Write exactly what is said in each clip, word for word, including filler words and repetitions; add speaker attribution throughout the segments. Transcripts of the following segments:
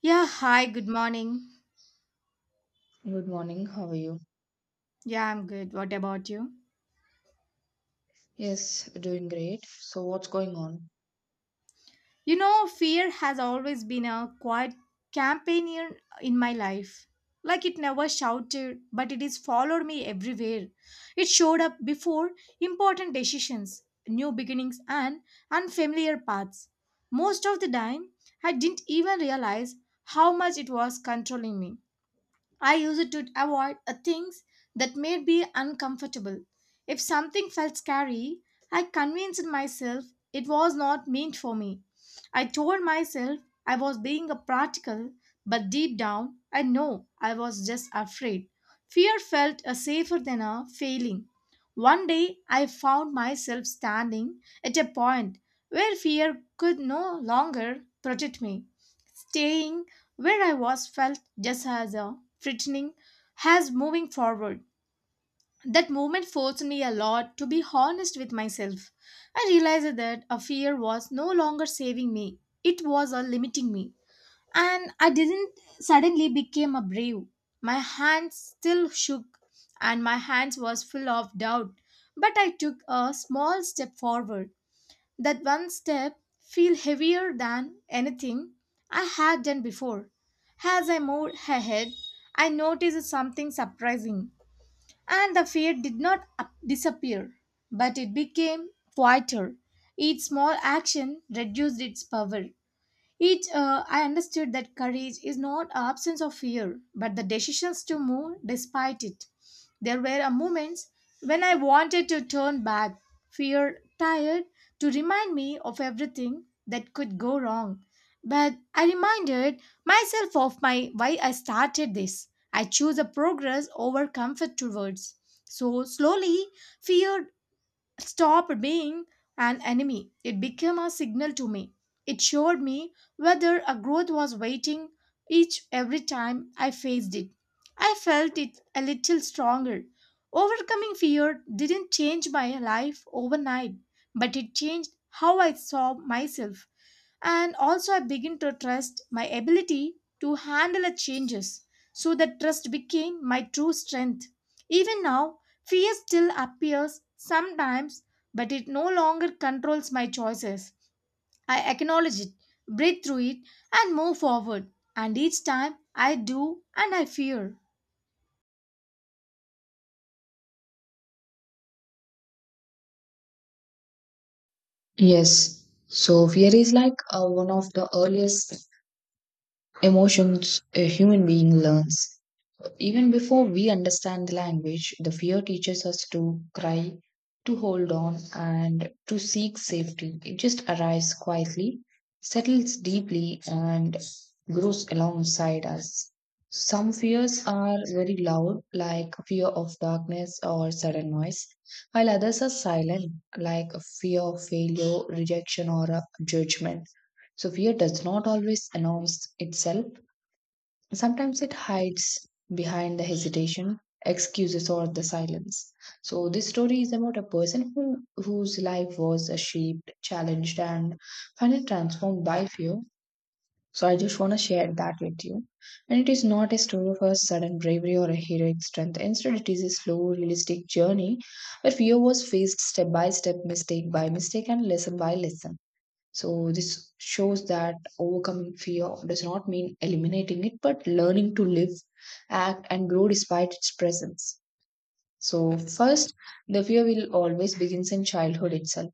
Speaker 1: Yeah, hi, good morning.
Speaker 2: Good morning, how are you?
Speaker 1: Yeah, I'm good. What about you?
Speaker 2: Yes, doing great. So, what's going on?
Speaker 1: You know, fear has always been a quiet companion in my life. Like it never shouted, but it has followed me everywhere. It showed up before important decisions, new beginnings, and unfamiliar paths. Most of the time, I didn't even realize how much it was controlling me. I used it to avoid uh, things that made me uncomfortable. If something felt scary, I convinced myself it was not meant for me. I told myself I was being a practical, but deep down, I know I was just afraid. Fear felt uh, safer than a failing. One day, I found myself standing at a point where fear could no longer protect me. Staying where I was felt just as a threatening as moving forward. That movement forced me a lot to be honest with myself. I realized that a fear was no longer saving me, it was a limiting me. And I didn't suddenly became a brave. My hands still shook and my hands was full of doubt, but I took a small step forward. That one step feel heavier than anything I had done before. As I moved ahead, I noticed something surprising, and the fear did not up- disappear, but it became quieter. Each small action reduced its power. Each, uh, I understood that courage is not absence of fear, but the decisions to move despite it. There were uh, moments when I wanted to turn back, fear, tired, to remind me of everything that could go wrong. But I reminded myself of my why I started this. I choose a progress over comfort towards. So slowly, fear stopped being an enemy. It became a signal to me. It showed me whether a growth was waiting each every time I faced it. I felt it a little stronger. Overcoming fear didn't change my life overnight, but it changed how I saw myself, and also I begin to trust my ability to handle the changes. So that trust became my true strength. Even now, fear still appears sometimes, but it no longer controls my choices. I acknowledge it, breathe through it, and move forward. And each time I do and I fear.
Speaker 2: Yes. So, fear is like uh, one of the earliest emotions a human being learns. Even before we understand the language, the fear teaches us to cry, to hold on, and to seek safety. It just arrives quietly, settles deeply, and grows alongside us. Some fears are very loud, like fear of darkness or sudden noise, while others are silent, like fear of failure, rejection, or uh, judgment. So, fear does not always announce itself. Sometimes it hides behind the hesitation, excuses, or the silence. So this story is about a person who whose life was uh, shaped, challenged, and finally transformed by fear. So I just want to share that with you. And it is not a story of a sudden bravery or a heroic strength. Instead, it is a slow, realistic journey where fear was faced step by step, mistake by mistake, and lesson by lesson. So this shows that overcoming fear does not mean eliminating it, but learning to live, act, and grow despite its presence. So first, the fear will always begins in childhood itself.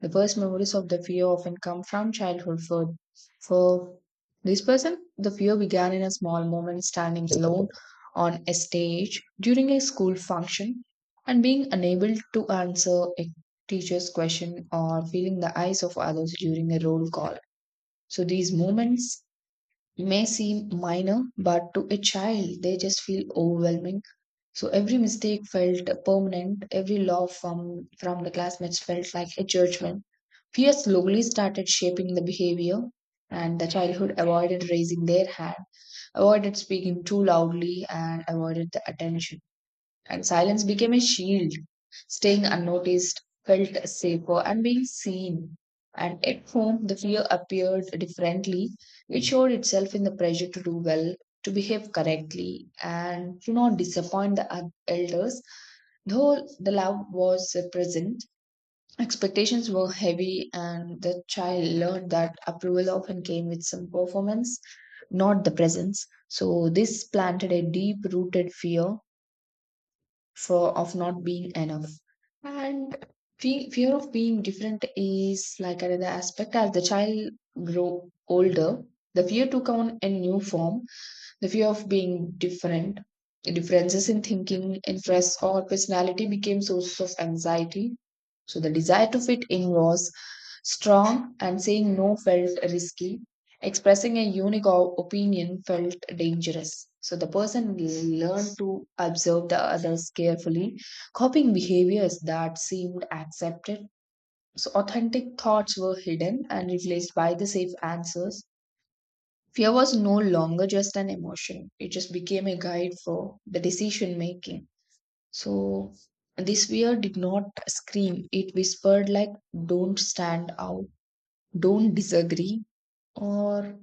Speaker 2: The first memories of the fear often come from childhood. For for this person, the fear began in a small moment, standing alone on a stage during a school function, and being unable to answer a teacher's question or feeling the eyes of others during a roll call. So these moments may seem minor, but to a child, they just feel overwhelming. So every mistake felt permanent, every laugh from, from the classmates felt like a judgment. Fear slowly started shaping the behavior, and the childhood avoided raising their hand, avoided speaking too loudly, and avoided the attention and silence became a shield. Staying unnoticed felt safer and being seen. And at home, the fear appeared differently. It showed itself in the pressure to do well, to behave correctly, and to not disappoint the oth- elders. Though the love was uh, present, expectations were heavy, and the child learned that approval often came with some performance, not the presence. So, this planted a deep rooted fear for of not being enough and fe- fear of being different is like another aspect as the child grow older, the fear took on a new form, the fear of being different, differences in thinking, interests, or personality became sources of anxiety. So the desire to fit in was strong, and saying no felt risky. Expressing a unique o- opinion felt dangerous. So the person learned to observe the others carefully, copying behaviors that seemed accepted. So authentic thoughts were hidden and replaced by the safe answers. Fear was no longer just an emotion, it just became a guide for the decision making. So, this fear did not scream, it whispered, like, don't stand out, don't disagree, or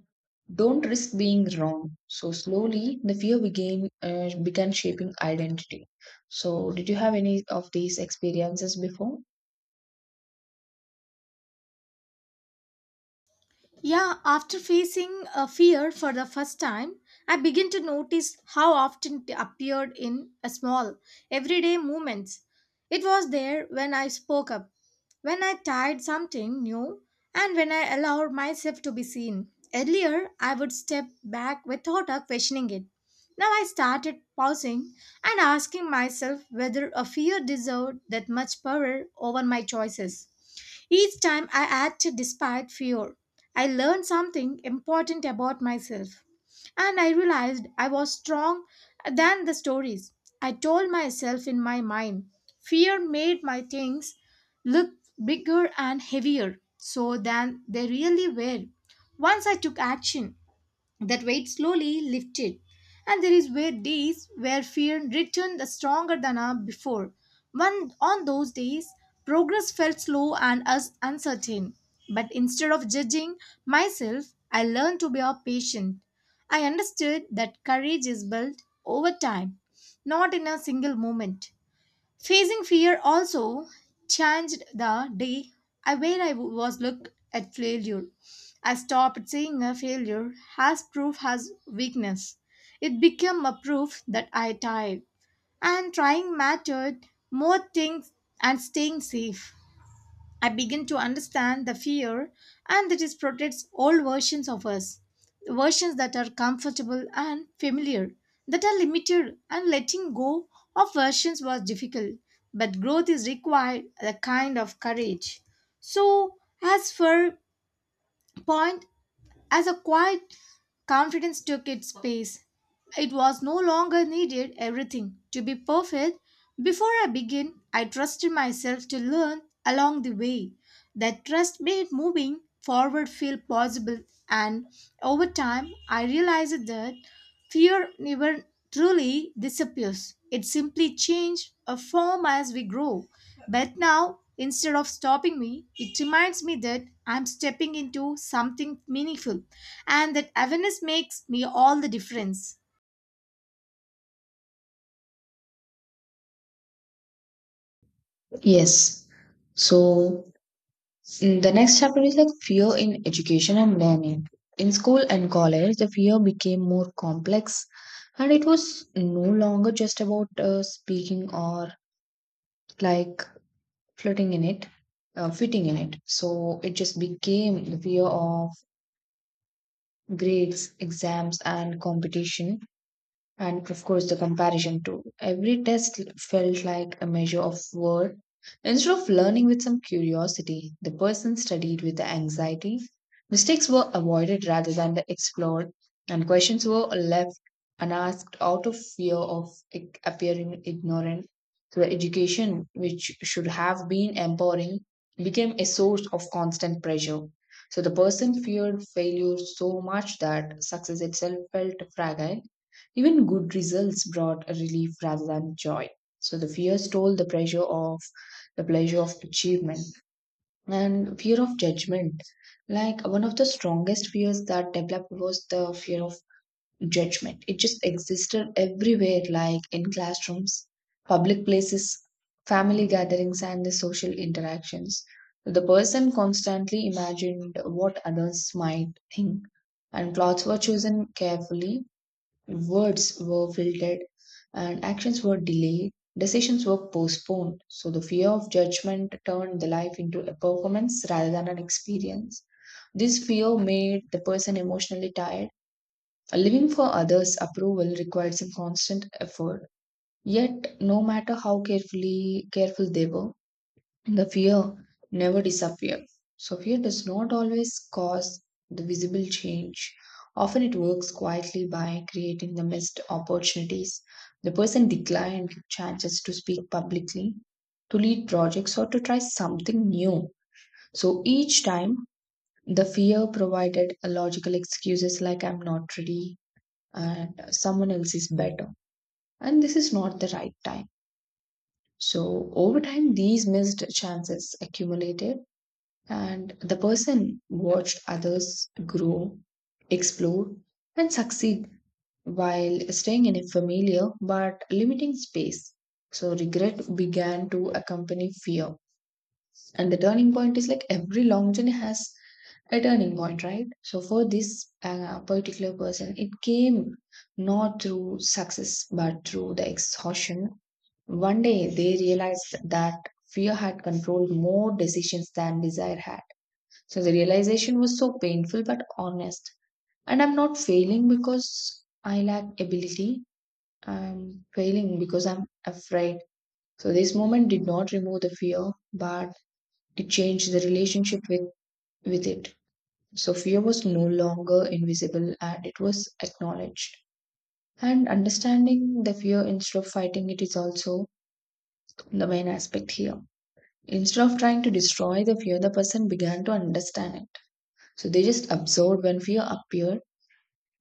Speaker 2: don't risk being wrong. So, slowly, the fear began, uh, began shaping identity. So, did you have any of these experiences before?
Speaker 1: Yeah, after facing a fear for the first time, I begin to notice how often it appeared in a small, everyday moments. It was there when I spoke up, when I tried something new, and when I allowed myself to be seen. Earlier, I would step back without a questioning it. Now I started pausing and asking myself whether a fear deserved that much power over my choices. Each time I acted despite fear. I learned something important about myself. And I realized I was strong than the stories. I told myself in my mind. Fear made my things look bigger and heavier so than they really were. Once I took action, that weight slowly lifted, and there is were days where fear returned stronger than uh, before. One on those days, progress felt slow and us uncertain. But instead of judging myself, I learned to be a patient. I understood that courage is built over time, not in a single moment. Facing fear also changed the day I where I was looked at failure. I stopped seeing a failure as proof as weakness. It became a proof that I tried, and trying mattered more things and staying safe. I begin to understand the fear and that it protects old versions of us, versions that are comfortable and familiar, that are limited, and letting go of versions was difficult. But growth is required a kind of courage. So, as for point as a quiet confidence took its space, it was no longer needed everything to be perfect. Before I began, I trusted myself to learn along the way. That trust made moving forward feel possible, and over time, I realized that fear never truly disappears. It simply changes a form as we grow. But now, instead of stopping me, it reminds me that I'm stepping into something meaningful, and that awareness makes me all the difference.
Speaker 2: Yes. So, Mm, the next chapter is like fear in education and learning. In school and college, the fear became more complex and it was no longer just about uh, speaking or like floating in it, uh, fitting in it. So it just became the fear of grades, exams, and competition and of course the comparison too. Every test felt like a measure of worth. Instead of learning with some curiosity, the person studied with the anxiety. Mistakes were avoided rather than the explored, and questions were left unasked out of fear of i- appearing ignorant. So the education, which should have been empowering, became a source of constant pressure. So the person feared failure so much that success itself felt fragile, even good results brought a relief rather than joy. So the fear stole the pressure of the pleasure of achievement and fear of judgment. Like one of the strongest fears that developed was the fear of judgment. It just existed everywhere, like in classrooms, public places, family gatherings, and the social interactions. The person constantly imagined what others might think, and plots were chosen carefully. Words were filtered and actions were delayed. Decisions were postponed. So the fear of judgment turned the life into a performance rather than an experience. This fear made the person emotionally tired. Living for others' approval required some constant effort. Yet, no matter how carefully careful they were, the fear never disappears. So fear does not always cause the visible change. Often it works quietly by creating the missed opportunities. The person declined chances to speak publicly, to lead projects, or to try something new. So each time the fear provided a logical excuses like I'm not ready and uh, someone else is better. And this is not the right time. So over time these missed chances accumulated and the person watched others grow, explore, and succeed while staying in a familiar but limiting space. So regret began to accompany fear. And the turning point is like every long journey has a turning point, right? So for this uh, particular person, it came not through success but through the exhaustion. One day they realized that fear had controlled more decisions than desire had, so the realization was so painful but honest. And I'm not failing because I lack ability. I'm failing because I'm afraid. So this moment did not remove the fear, but it changed the relationship with, with it. So fear was no longer invisible and it was acknowledged. And understanding the fear instead of fighting it is also the main aspect here. Instead of trying to destroy the fear, the person began to understand it. So they just absorbed when fear appeared,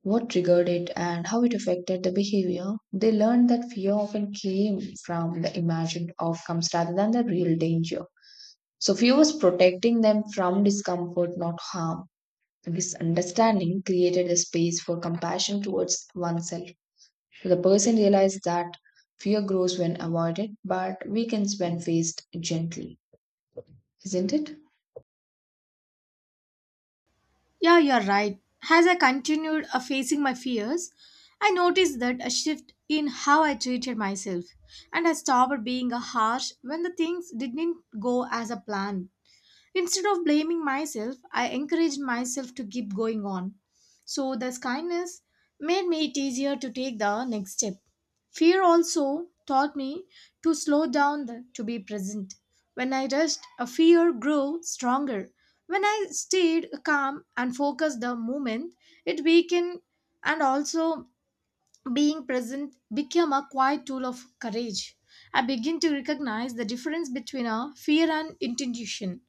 Speaker 2: what triggered it, and how it affected the behavior, they learned that fear often came from the imagined outcomes rather than the real danger. So, fear was protecting them from discomfort, not harm. This understanding created a space for compassion towards oneself. So, the person realized that fear grows when avoided, but weakens when faced gently. Isn't it?
Speaker 1: Yeah, you're right. As I continued uh, facing my fears, I noticed that a shift in how I treated myself, and I stopped being a harsh when the things didn't go as a plan. Instead of blaming myself, I encouraged myself to keep going on. So, this kindness made me it easier to take the next step. Fear also taught me to slow down the, to be present. When I rushed, a fear grew stronger. When I stayed calm and focused the moment, it weakened, and also being present became a quiet tool of courage. I begin to recognize the difference between a fear and intuition.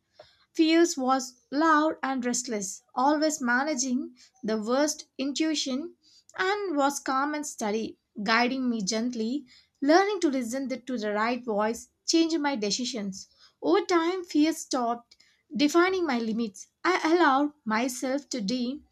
Speaker 1: Fierce was loud and restless, always managing the worst intuition, and was calm and steady, guiding me gently, learning to listen th- to the right voice, changing my decisions. Over time, fear stopped defining my limits. I allowed myself to dream.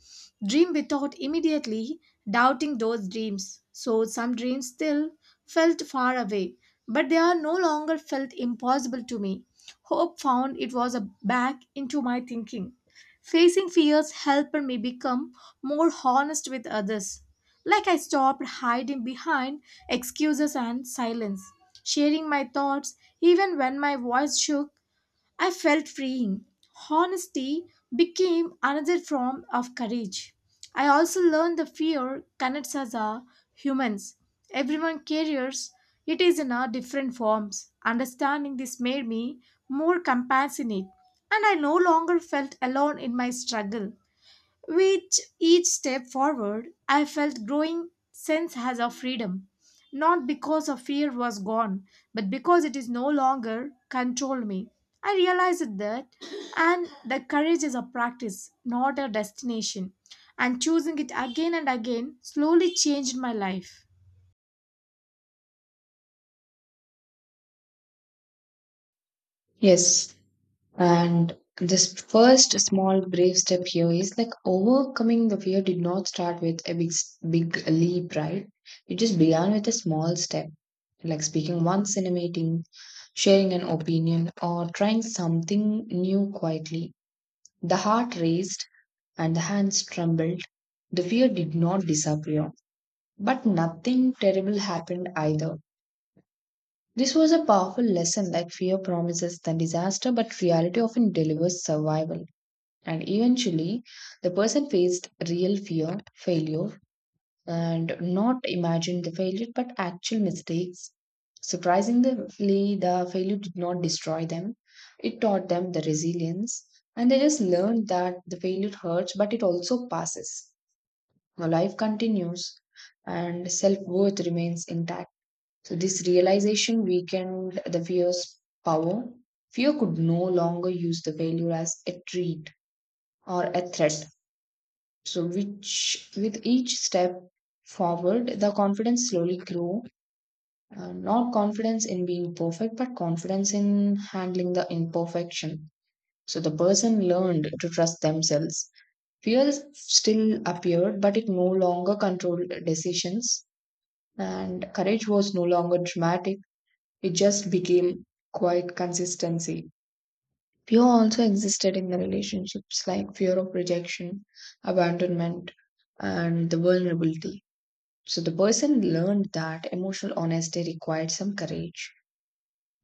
Speaker 1: Dream without immediately doubting those dreams. So some dreams still felt far away, but they are no longer felt impossible to me. Hope found it was a back into my thinking. Facing fears helped me become more honest with others. Like I stopped hiding behind excuses and silence, sharing my thoughts even when my voice shook I felt freeing. Honesty became another form of courage. I also learned the fear connects us as humans. Everyone carries it is in our different forms. Understanding this made me more compassionate, and I no longer felt alone in my struggle. With each step forward, I felt growing sense as of freedom, not because of fear was gone, but because it is no longer controlled me. I realized that, and that courage is a practice, not a destination. And choosing it again and again slowly changed my life.
Speaker 2: Yes. And this first small brave step here is like overcoming the fear did not start with a big big leap, right? It just began with a small step, like speaking once in a meeting, sharing an opinion, or trying something new quietly. The heart raced and the hands trembled. The fear did not disappear, but nothing terrible happened either. This was a powerful lesson like fear promises than disaster, but reality often delivers survival. And eventually, the person faced real fear, failure, and not imagined the failure but actual mistakes. Surprisingly, the failure did not destroy them, it taught them the resilience, and they just learned that the failure hurts but it also passes. Now, life continues, and self worth remains intact. So, this realization weakened the fear's power. Fear could no longer use the failure as a treat or a threat. So which with each step forward, the confidence slowly grew. Uh, not confidence in being perfect, but confidence in handling the imperfection. So the person learned to trust themselves. Fear still appeared, but it no longer controlled decisions. And courage was no longer dramatic. It just became quite consistency. Fear also existed in the relationships like fear of rejection, abandonment, and the vulnerability. So the person learned that emotional honesty required some courage.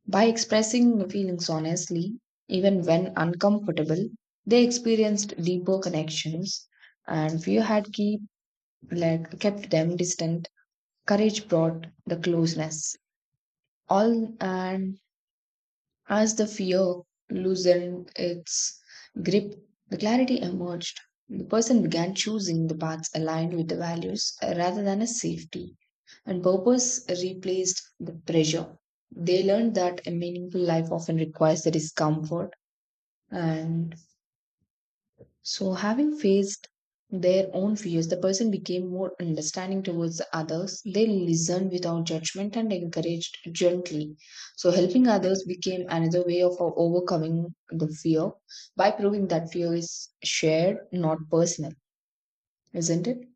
Speaker 2: By expressing feelings honestly, even when uncomfortable, they experienced deeper connections and fear had keep, like, kept them distant. Courage brought the closeness. All and as the fear loosened its grip, the clarity emerged. The person began choosing the paths aligned with the values uh, rather than a safety, and purpose replaced the pressure. They learned that a meaningful life often requires the discomfort and so, having faced their own fears, the person became more understanding towards the others. They listened without judgment and encouraged gently. So, helping others became another way of o- overcoming the fear by proving that fear is shared, not personal, isn't it?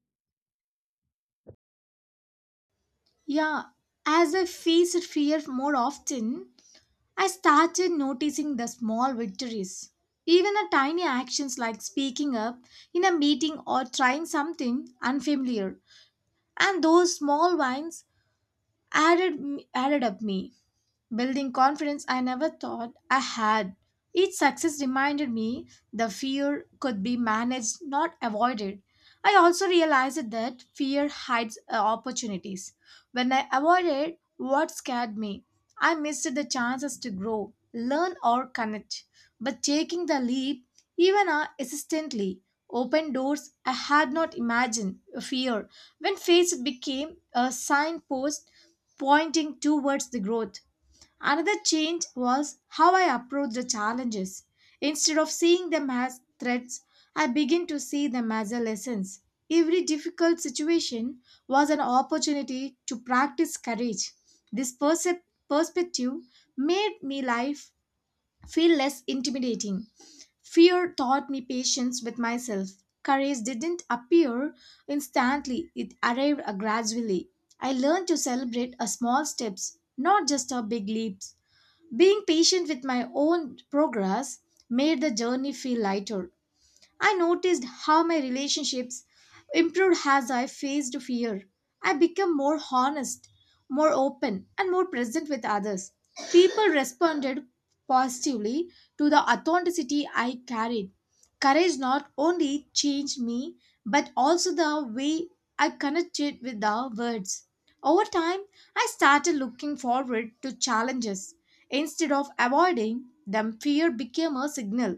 Speaker 1: Yeah, as I faced fear more often, I started noticing the small victories. Even a tiny actions like speaking up in a meeting or trying something unfamiliar. And those small wins added, added up me building confidence I never thought I had. Each success reminded me the fear could be managed, not avoided. I also realized that fear hides uh, opportunities. When I avoided what scared me, I missed the chances to grow, learn, or connect. But taking the leap, even uh, hesitantly, opened doors I had not imagined. uh, Fear, when faced, became a signpost pointing towards the growth. Another change was how I approached the challenges. Instead of seeing them as threats, I began to see them as a lessons. Every difficult situation was an opportunity to practice courage. This percep- perspective made me life feel less intimidating. Fear taught me patience with myself. Courage didn't appear instantly, it arrived gradually. I learned to celebrate a small steps, not just a big leaps. Being patient with my own progress made the journey feel lighter. I noticed how my relationships improved as I faced fear. I became more honest, more open, and more present with others. People responded positively to the authenticity I carried. Courage not only changed me, but also the way I connected with the words. Over time, I started looking forward to challenges. Instead of avoiding them, fear became a signal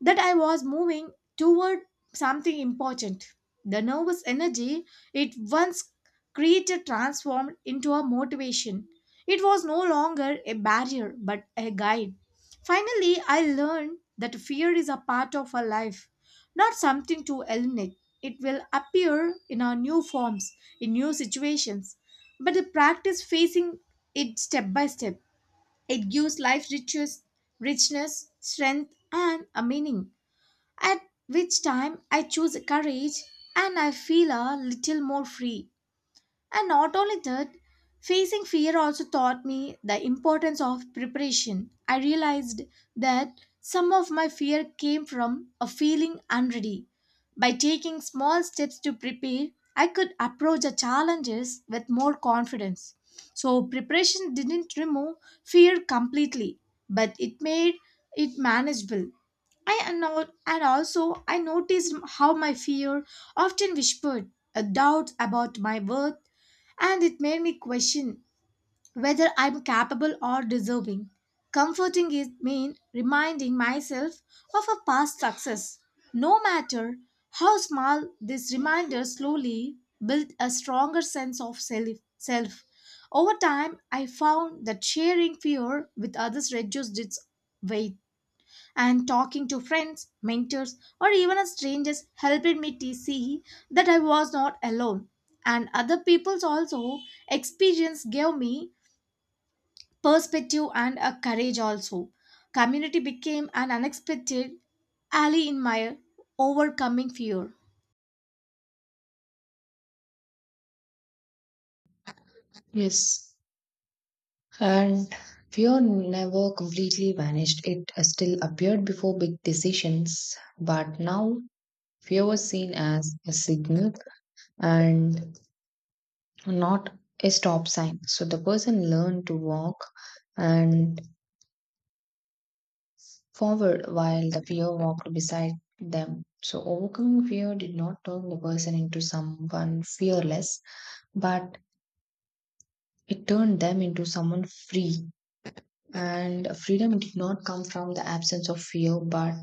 Speaker 1: that I was moving toward something important. The nervous energy it once created transformed into a motivation. It was no longer a barrier but a guide. Finally, I learned that fear is a part of our life, not something to eliminate. It will appear in our new forms, in new situations. But the practice facing it step by step, it gives life riches, richness, strength, and a meaning at which time I choose courage and I feel a little more free. And not only that, facing fear also taught me the importance of preparation. I realized that some of my fear came from a feeling unready. By taking small steps to prepare, I could approach the challenges with more confidence. So, preparation didn't remove fear completely, but it made it manageable. I anno- and also I noticed how my fear often whispered a doubt about my worth, and it made me question whether I'm capable or deserving. Comforting it means reminding myself of a past success. No matter how small, this reminder slowly built a stronger sense of self. Self. Over time, I found that sharing fear with others reduced its weight and talking to friends, mentors, or even as strangers helped me to see that I was not alone. And other people's also experience gave me perspective and a courage also. Community became an unexpected ally in my overcoming fear.
Speaker 2: Yes. And fear never completely vanished. It uh, still appeared before big decisions, but now fear was seen as a signal and not a stop sign. So the person learned to walk and forward while the fear walked beside them. So overcoming fear did not turn the person into someone fearless, but it turned them into someone free. And freedom did not come from the absence of fear, but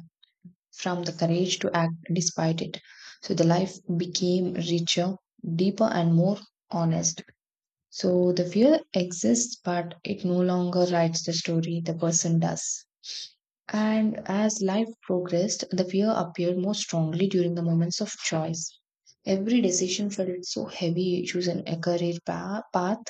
Speaker 2: from the courage to act despite it. So the life became richer, deeper, and more honest. So the fear exists, but it no longer writes the story, the person does. And as life progressed, the fear appeared more strongly during the moments of choice. Every decision felt so heavy, choose an a career pa- path,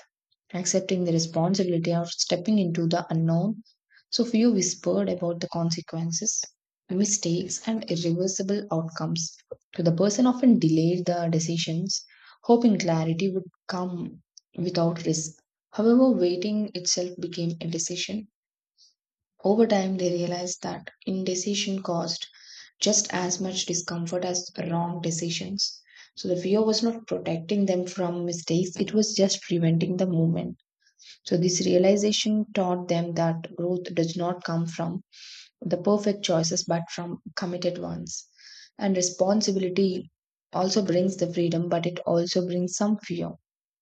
Speaker 2: accepting the responsibility of stepping into the unknown. So few whispered about the consequences, mistakes, and irreversible outcomes. So the person often delayed the decisions, hoping clarity would come without risk. However, waiting itself became a decision. Over time, they realized that indecision caused just as much discomfort as wrong decisions. So the fear was not protecting them from mistakes, it was just preventing the movement. So, this realization taught them that growth does not come from the perfect choices but from committed ones. And responsibility also brings the freedom, but it also brings some fear.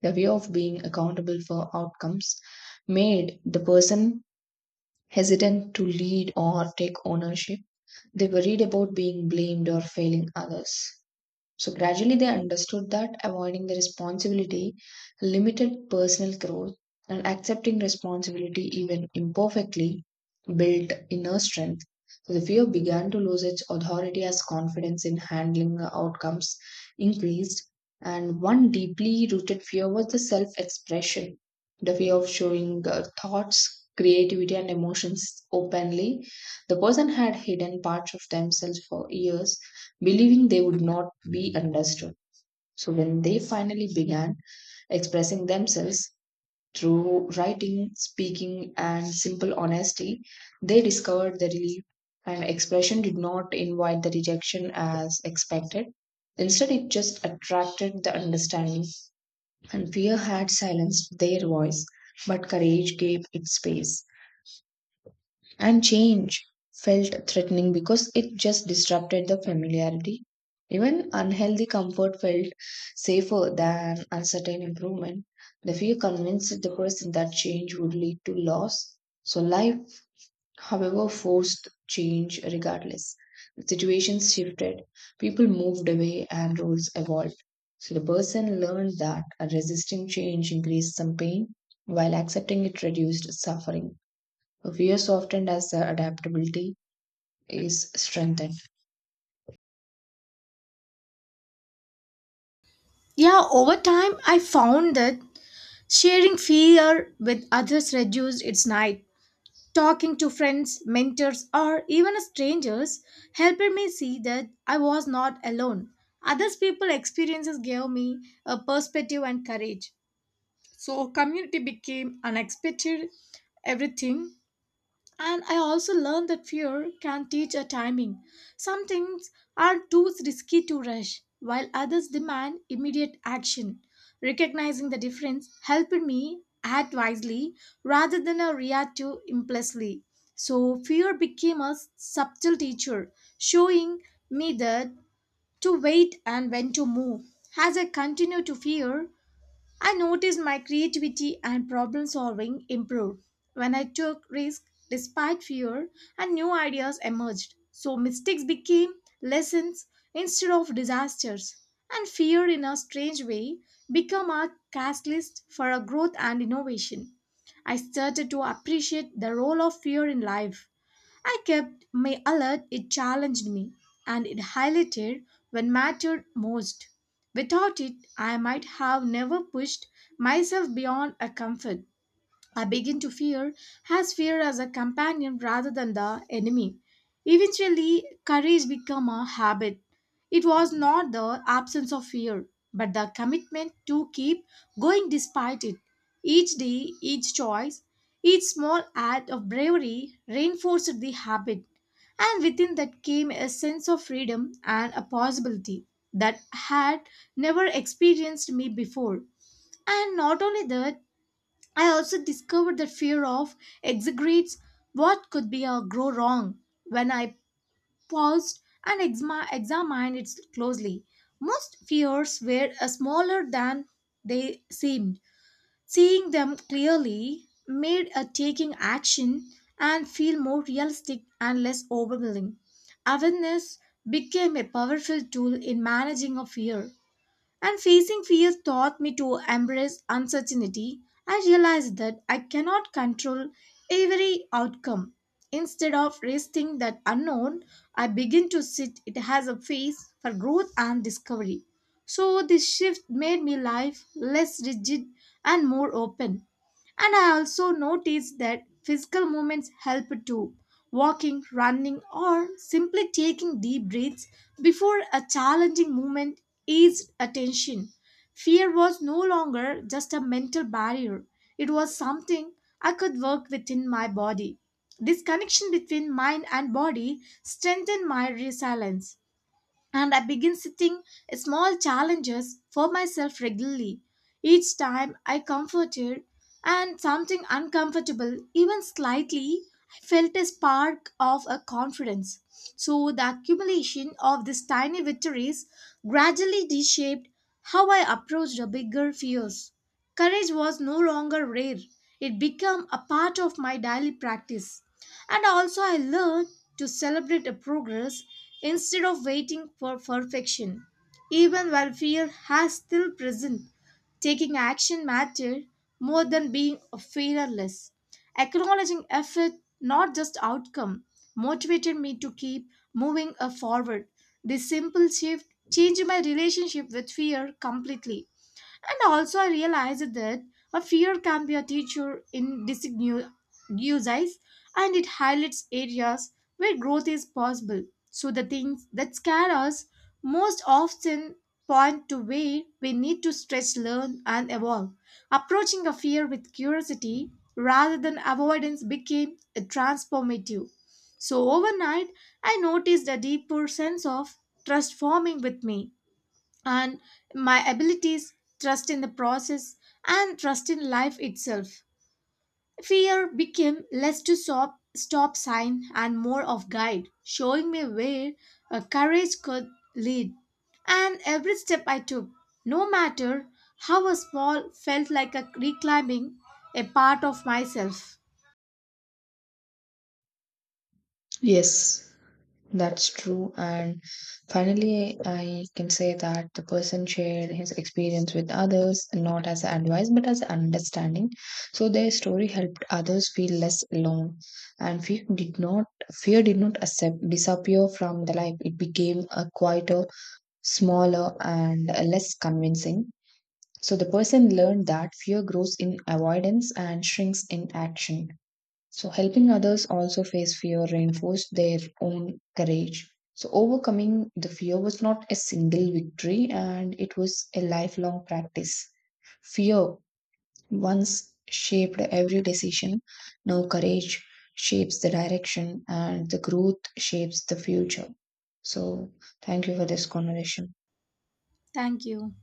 Speaker 2: The fear of being accountable for outcomes made the person hesitant to lead or take ownership. They worried about being blamed or failing others. So gradually they understood that avoiding the responsibility limited personal growth and accepting responsibility even imperfectly built inner strength. So the fear began to lose its authority as confidence in handling the outcomes increased. And one deeply rooted fear was the self expression, the fear of showing uh, thoughts, creativity, and emotions openly. The person had hidden parts of themselves for years, believing they would not be understood. So when they finally began expressing themselves through writing, speaking, and simple honesty, they discovered the relief and expression did not invite the rejection as expected. Instead, it just attracted the understanding, and fear had silenced their voice, but courage gave it space. And change felt threatening because it just disrupted the familiarity. Even unhealthy comfort felt safer than uncertain improvement. The fear convinced the person that change would lead to loss. So, life, however, forced change regardless. The situations shifted, people moved away, and roles evolved. So, the person learned that resisting change increased some pain, while accepting it reduced suffering we are softened as the adaptability is strengthened.
Speaker 1: Yeah, over time I found that sharing fear with others reduced its night. Talking to friends, mentors, or even strangers helped me see that I was not alone. Others people's experiences gave me a perspective and courage. So, community became unexpected everything, and I also learned that fear can teach a timing. Some things are too risky to rush, while others demand immediate action. Recognizing the difference helped me act wisely rather than a react to impulsively. So fear became a subtle teacher, showing me that to wait and when to move. As I continued to fear, I noticed my creativity and problem solving improved when I took risks despite fear and new ideas emerged. So mistakes became lessons instead of disasters. And fear, in a strange way, became a catalyst for a growth and innovation. I started to appreciate the role of fear in life. I kept my alert, it challenged me, and it highlighted when mattered most. Without it, I might have never pushed myself beyond a comfort. I begin to fear, has fear as a companion rather than the enemy. Eventually, courage became a habit. It was not the absence of fear, but the commitment to keep going despite it. Each day, each choice, each small act of bravery reinforced the habit, and within that came a sense of freedom and a possibility that had never experienced me before. And not only that, I also discovered that fear of exaggerates what could be a grow wrong when I paused and exma- examined it closely. Most fears were uh, smaller than they seemed. Seeing them clearly made a taking action and feel more realistic and less overwhelming. Awareness became a powerful tool in managing a fear. And facing fear taught me to embrace uncertainty. I realized that I cannot control every outcome. Instead of resisting that unknown, I begin to sit it as a phase for growth and discovery. So this shift made me life less rigid and more open. And I also noticed that physical movements help too. Walking, running, or simply taking deep breaths before a challenging movement eased attention. Fear was no longer just a mental barrier, it was something I could work within my body. This connection between mind and body strengthened my resilience and I begin setting small challenges for myself regularly. Each time I comforted and something uncomfortable, even slightly, I felt a spark of a confidence. So the accumulation of these tiny victories gradually reshaped how I approached the bigger fears. Courage was no longer rare. It became a part of my daily practice. And also, I learned to celebrate a progress instead of waiting for perfection. Even while fear has still present, taking action mattered more than being fearless. Acknowledging effort, not just outcome, motivated me to keep moving uh, forward. This simple shift changed my relationship with fear completely. And also, I realized that a fear can be a teacher in disguise and it highlights areas where growth is possible. So, the things that scare us most often point to where we need to stretch, learn, and evolve. Approaching a fear with curiosity rather than avoidance became a transformative. So, overnight, I noticed a deeper sense of trust forming with me and my abilities, trust in the process, and trust in life itself. Fear became less to stop, stop sign and more of guide, showing me where a courage could lead. And every step I took, no matter how small, felt like a reclimbing a part of myself.
Speaker 2: Yes, that's true. And finally, I can say that the person shared his experience with others, not as advice, but as understanding. So their story helped others feel less alone. And fear did not fear did not accept, disappear from the life. It became a quieter, smaller, and less convincing. So the person learned that fear grows in avoidance and shrinks in action. So helping others also face fear reinforced their own courage. So overcoming the fear was not a single victory and it was a lifelong practice. Fear once shaped every decision. Now courage shapes the direction and the growth shapes the future. So thank you for this conversation.
Speaker 1: Thank you.